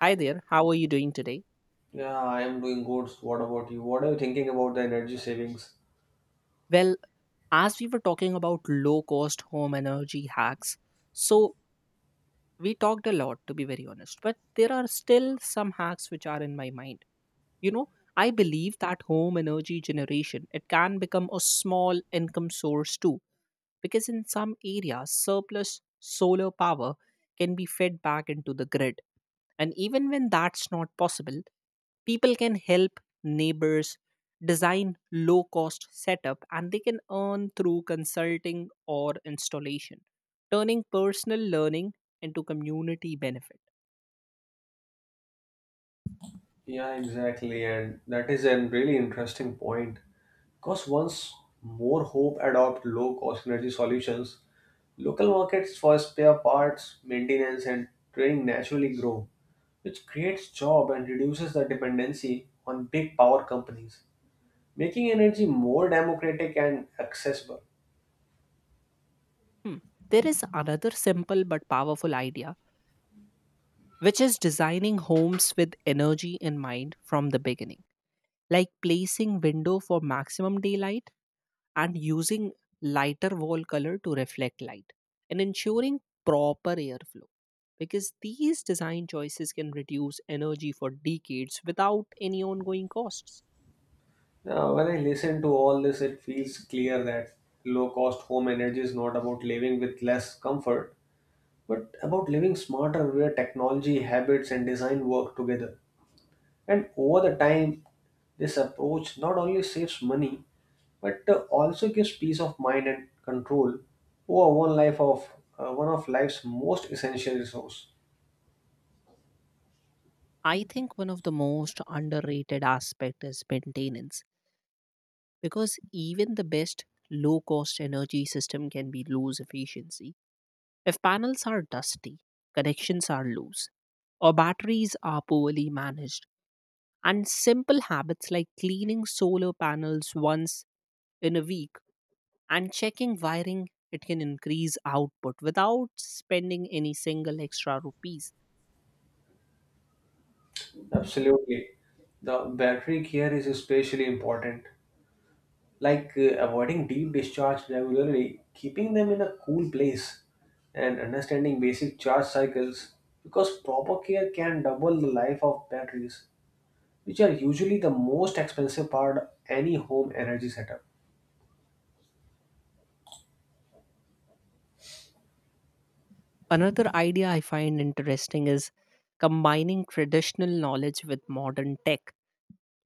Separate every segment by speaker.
Speaker 1: Hi there, how are you doing today?
Speaker 2: Yeah, I am doing good. What about you? What are you thinking about the energy savings?
Speaker 1: Well, as we were talking about low cost home energy hacks, so we talked a lot to be very honest, but there are still some hacks which are in my mind. You know, I believe that home energy generation, it can become a small income source too, because in some areas, surplus solar power can be fed back into the grid. And even when that's not possible, people can help neighbors design low cost setup and they can earn through consulting or installation, turning personal learning into community benefit.
Speaker 2: Yeah, exactly. And that is a really interesting point. Because once more hope adopt low cost energy solutions, local markets for spare parts, maintenance, and training naturally grow, which creates job and reduces the dependency on big power companies, making energy more democratic and accessible.
Speaker 1: Hmm. There is another simple but powerful idea, which is designing homes with energy in mind from the beginning, like placing window for maximum daylight and using lighter wall color to reflect light and ensuring proper airflow, because these design choices can reduce energy for decades without any ongoing costs.
Speaker 2: When I listen to all this, it feels clear that low cost home energy is not about living with less comfort, but about living smarter where technology, habits, and design work together. And over the time, this approach not only saves money but also gives peace of mind and control over one life of one of life's most essential resource.
Speaker 1: I think one of the most underrated aspect is maintenance, because even the best low cost energy system can be lose efficiency if panels are dusty, connections are loose, or batteries are poorly managed. And simple habits like cleaning solar panels once in a week and checking wiring, it can increase output without spending any single extra rupees.
Speaker 2: Absolutely, the battery care is especially important like avoiding deep discharge regularly, keeping them in a cool place, and understanding basic charge cycles because proper care can double the life of batteries, which are usually the most expensive part of any home energy setup.
Speaker 1: Another idea I find interesting is combining traditional knowledge with modern tech,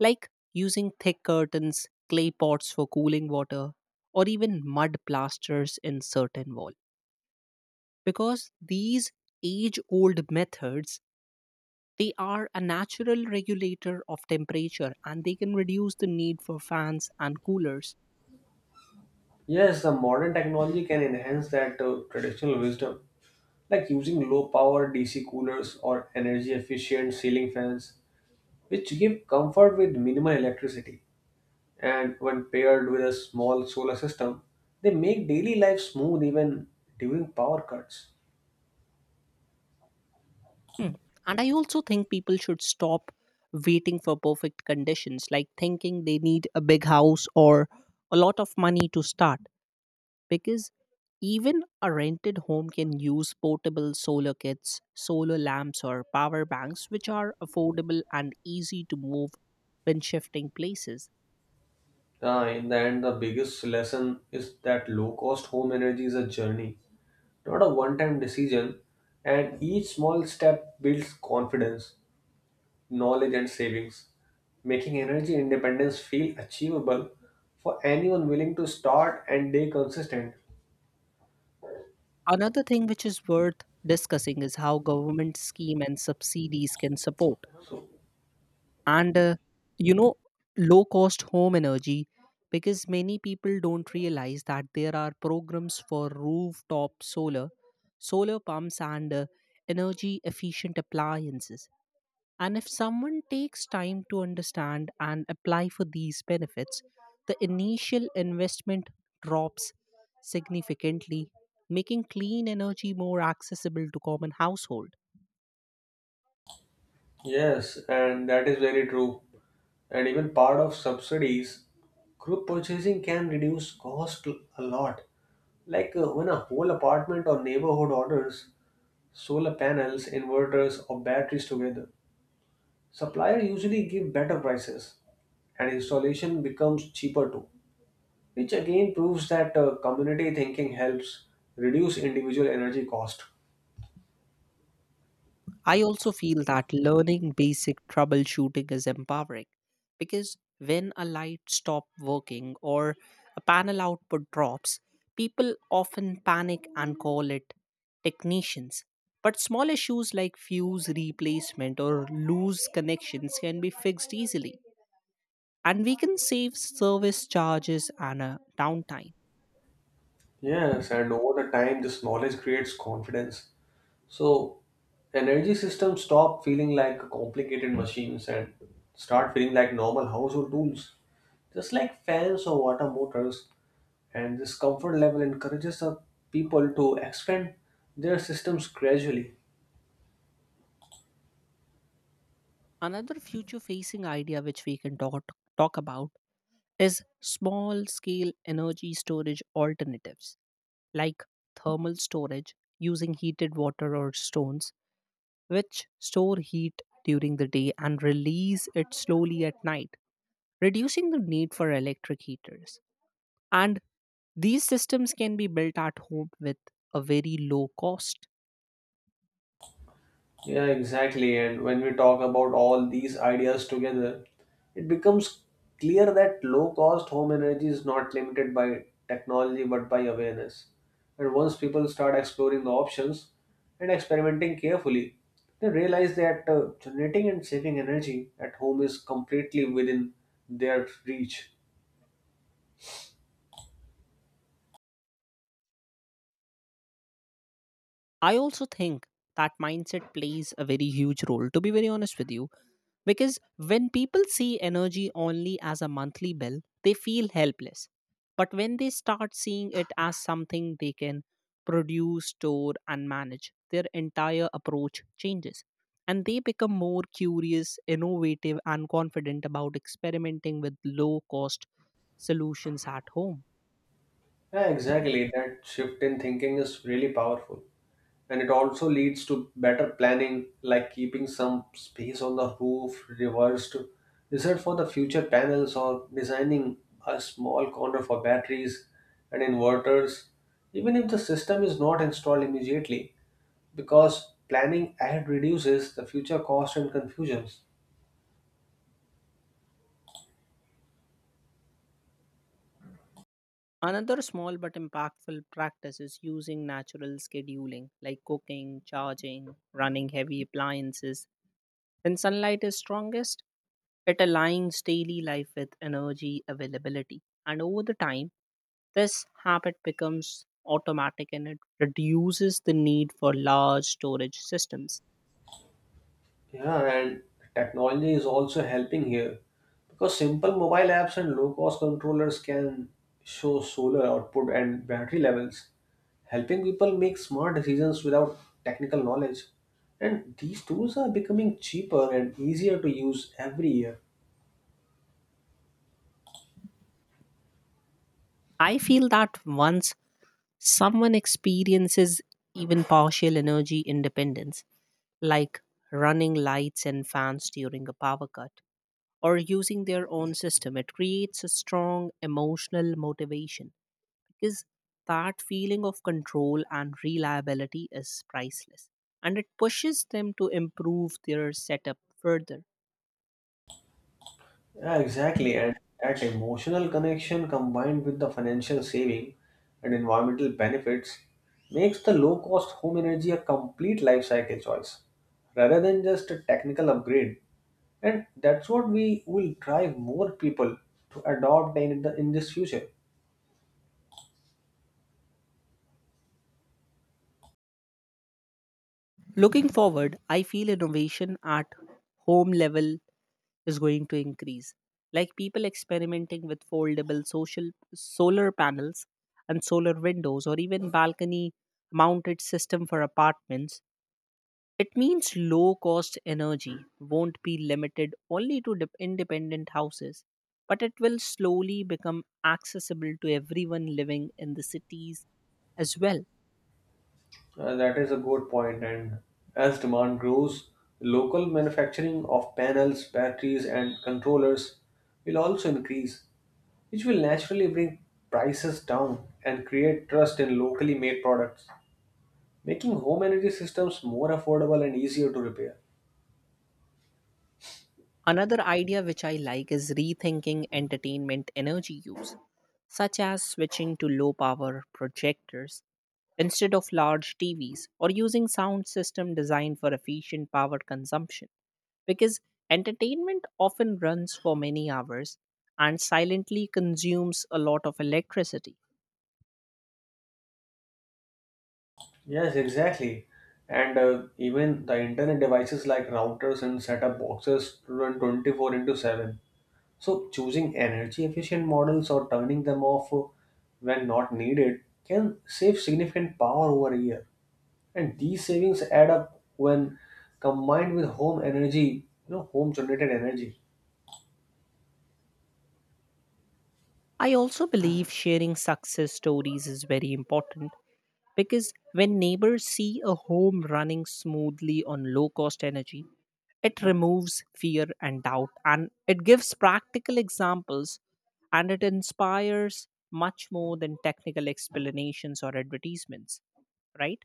Speaker 1: like using thick curtains, clay pots for cooling water, or even mud plasters in certain walls. Because these age old methods, they are a natural regulator of temperature and they can reduce the need for fans and coolers.
Speaker 2: Yes, the modern technology can enhance that traditional wisdom, like using low power DC coolers or energy efficient ceiling fans, which give comfort with minimal electricity. And when paired with a small solar system, they make daily life smooth even during power cuts.
Speaker 1: Hmm. And I also think people should stop waiting for perfect conditions, like thinking they need a big house or a lot of money to start, because even a rented home can use portable solar kits, solar lamps, or power banks, which are affordable and easy to move when shifting places.
Speaker 2: In the end, the biggest lesson is that low cost home energy is a journey, not a one time decision, and each small step builds confidence, knowledge, and savings, making energy independence feel achievable for anyone willing to start and stay consistent.
Speaker 1: Another thing which is worth discussing is how government scheme and subsidies can support.
Speaker 2: So,
Speaker 1: And you know, low cost home energy, because many people don't realize that there are programs for rooftop solar, solar pumps, and energy efficient appliances, and if someone takes time to understand and apply for these benefits, the initial investment drops significantly, making clean energy more accessible to common household.
Speaker 2: yes, and that is very true. And even part of subsidies, group purchasing can reduce cost a lot. Like when a whole apartment or neighborhood orders solar panels, inverters, or batteries together, suppliers usually give better prices and installation becomes cheaper too, which again proves that community thinking helps reduce individual energy cost.
Speaker 1: I also feel that learning basic troubleshooting is empowering because when a light stops working or a panel output drops, people often panic and call it technicians. But small issues like fuse replacement or loose connections can be fixed easily, and we can save service charges and downtime.
Speaker 2: Yes, and over the time, this knowledge creates confidence. So energy systems stop feeling like complicated machines and start feeling like normal household tools, just like fans or water motors. And this comfort level encourages the people to expand their systems gradually.
Speaker 1: Another future facing idea which we can talk about is small scale energy storage alternatives like thermal storage using heated water or stones, which store heat during the day and release it slowly at night, reducing the need for electric heaters. And these systems can be built at home with a very low cost.
Speaker 2: Yeah, exactly. And when we talk about all these ideas together, it becomes clear that low cost home energy is not limited by technology but by awareness. And once people start exploring the options and experimenting carefully, they realize that generating and saving energy at home is completely within their reach.
Speaker 1: I also think that mindset plays a very huge role, to be very honest with you. Because when people see energy only as a monthly bill, they feel helpless. But when they start seeing it as something they can produce, store, and manage, their entire approach changes. And they become more curious, innovative, and confident about experimenting with low cost solutions at home.
Speaker 2: Yeah, exactly. That shift in thinking is really powerful. And it also leads to better planning like keeping some space on the roof reversed reserved for the future panels or designing a small corner for batteries and inverters even if the system is not installed immediately because planning ahead reduces the future cost and confusions.
Speaker 1: Another small but impactful practice is using natural scheduling like cooking, charging, running heavy appliances, when sunlight is strongest, it aligns daily life with energy availability. And over the time, this habit becomes automatic and it reduces the need for large storage systems.
Speaker 2: Yeah, and technology is also helping here because simple mobile apps and low cost controllers can show solar output and battery levels, helping people make smart decisions without technical knowledge. And these tools are becoming cheaper and easier to use every year.
Speaker 1: I feel that once someone experiences even partial energy independence, like running lights and fans during a power cut, or using their own system, it creates a strong emotional motivation, because that feeling of control and reliability is priceless and it pushes them to improve their setup further.
Speaker 2: Yeah, exactly. And that emotional connection combined with the financial saving and environmental benefits makes the low cost home energy a complete life cycle choice rather than just a technical upgrade. And that's what we will drive more people to adopt in, the, in this future.
Speaker 1: Looking forward, I feel innovation at home level is going to increase, like people experimenting with foldable social solar panels and solar windows or even balcony mounted system for apartments. It means low cost energy won't be limited only to dep independent houses, but it will slowly become accessible to everyone living in the cities as well.
Speaker 2: That is a good point. And as demand grows, local manufacturing of panels, batteries, and controllers will also increase, which will naturally bring prices down and create trust in locally made products, making home energy systems more affordable and easier to repair.
Speaker 1: Another idea which I like is rethinking entertainment energy use, such as switching to low power projectors instead of large TVs or using sound system designed for efficient power consumption, because entertainment often runs for many hours and silently consumes a lot of electricity.
Speaker 2: Yes, exactly. And even the internet devices like routers and setup boxes run 24 into 7. So, choosing energy efficient models or turning them off when not needed can save significant power over a year. And these savings add up when combined with home energy, home generated energy.
Speaker 1: I also believe sharing success stories is very important, because when neighbors see a home running smoothly on low cost energy, it removes fear and doubt and it gives practical examples and it inspires much more than technical explanations or advertisements, right?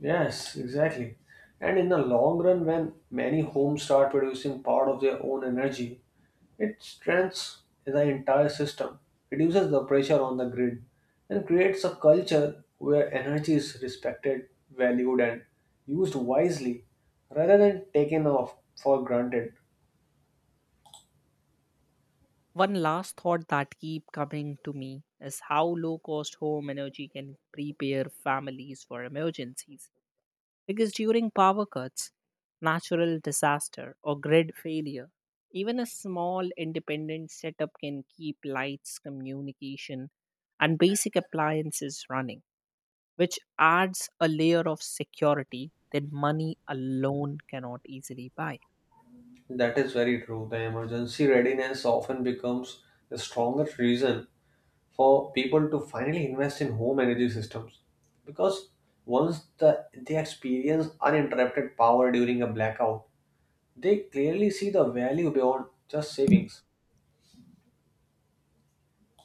Speaker 2: Yes, exactly. And in the long run, when many homes start producing part of their own energy, it strengthens the entire system, reduces the pressure on the grid, and creates a culture where energy is respected, valued, and used wisely rather than taken off for granted.
Speaker 1: One last thought that keep coming to me is how low cost home energy can prepare families for emergencies. Because during power cuts, natural disaster or grid failure, even a small independent setup can keep lights, communication, and basic appliances running, which adds a layer of security that money alone cannot easily buy.
Speaker 2: That is very true. The emergency readiness often becomes the strongest reason for people to finally invest in home energy systems because once the, they experience uninterrupted power during a blackout they clearly see the value beyond just savings.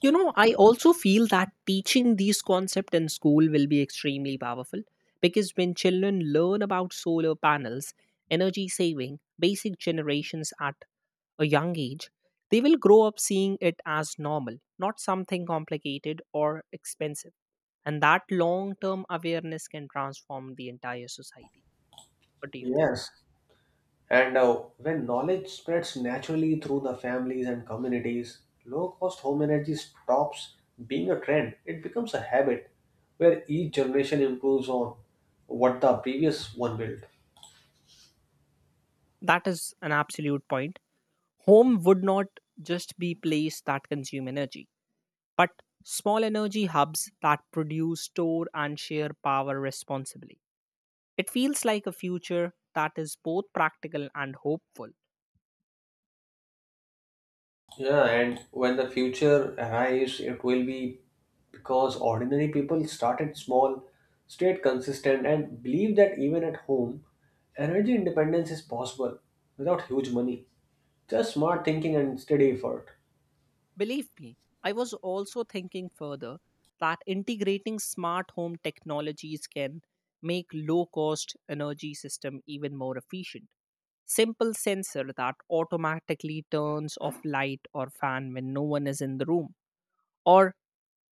Speaker 1: You know, I also feel that teaching these concepts in school will be extremely powerful, because when children learn about solar panels, energy saving, basic generations at a young age, they will grow up seeing it as normal, not something complicated or expensive. And that long term awareness can transform the entire society. What do you think?
Speaker 2: Yes, and when knowledge spreads naturally through the families and communities low cost home energy stops being a trend. It becomes a habit where each generation improves on what the previous one built.
Speaker 1: That is an absolute point. Home would not just be place that consume energy, but small energy hubs that produce, store, and share power responsibly. It feels like a future that is both practical and hopeful.
Speaker 2: Yeah, and when the future arrives, it will be because ordinary people started small, stayed consistent, and believe that even at home, energy independence is possible without huge money. Just smart thinking and steady effort.
Speaker 1: Believe me, I was also thinking further that integrating smart home technologies can make low cost energy system even more efficient. Simple sensor that automatically turns off light or fan when no one is in the room, or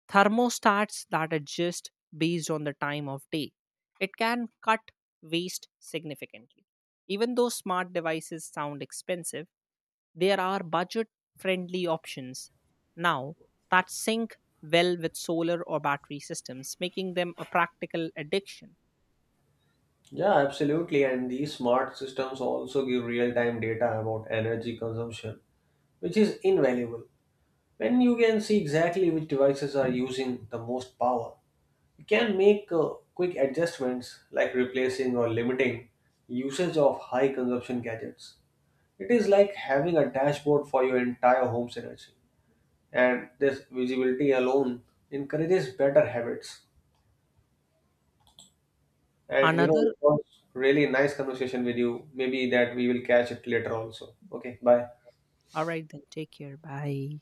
Speaker 1: thermostats that adjust based on the time of day. It can cut waste significantly. Even though smart devices sound expensive, there are budget friendly options now that sync well with solar or battery systems, making them a practical addiction.
Speaker 2: Yeah, absolutely. And these smart systems also give real time data about energy consumption, which is invaluable. When you can see exactly which devices are using the most power you can make quick adjustments like replacing or limiting usage of high consumption gadgets. It is like having a dashboard for your entire home's energy. And this visibility alone encourages better habits. And
Speaker 1: Another,
Speaker 2: it was really nice conversation with you. Maybe that we will catch it later also. Okay, bye.
Speaker 1: all right, then take care. Bye.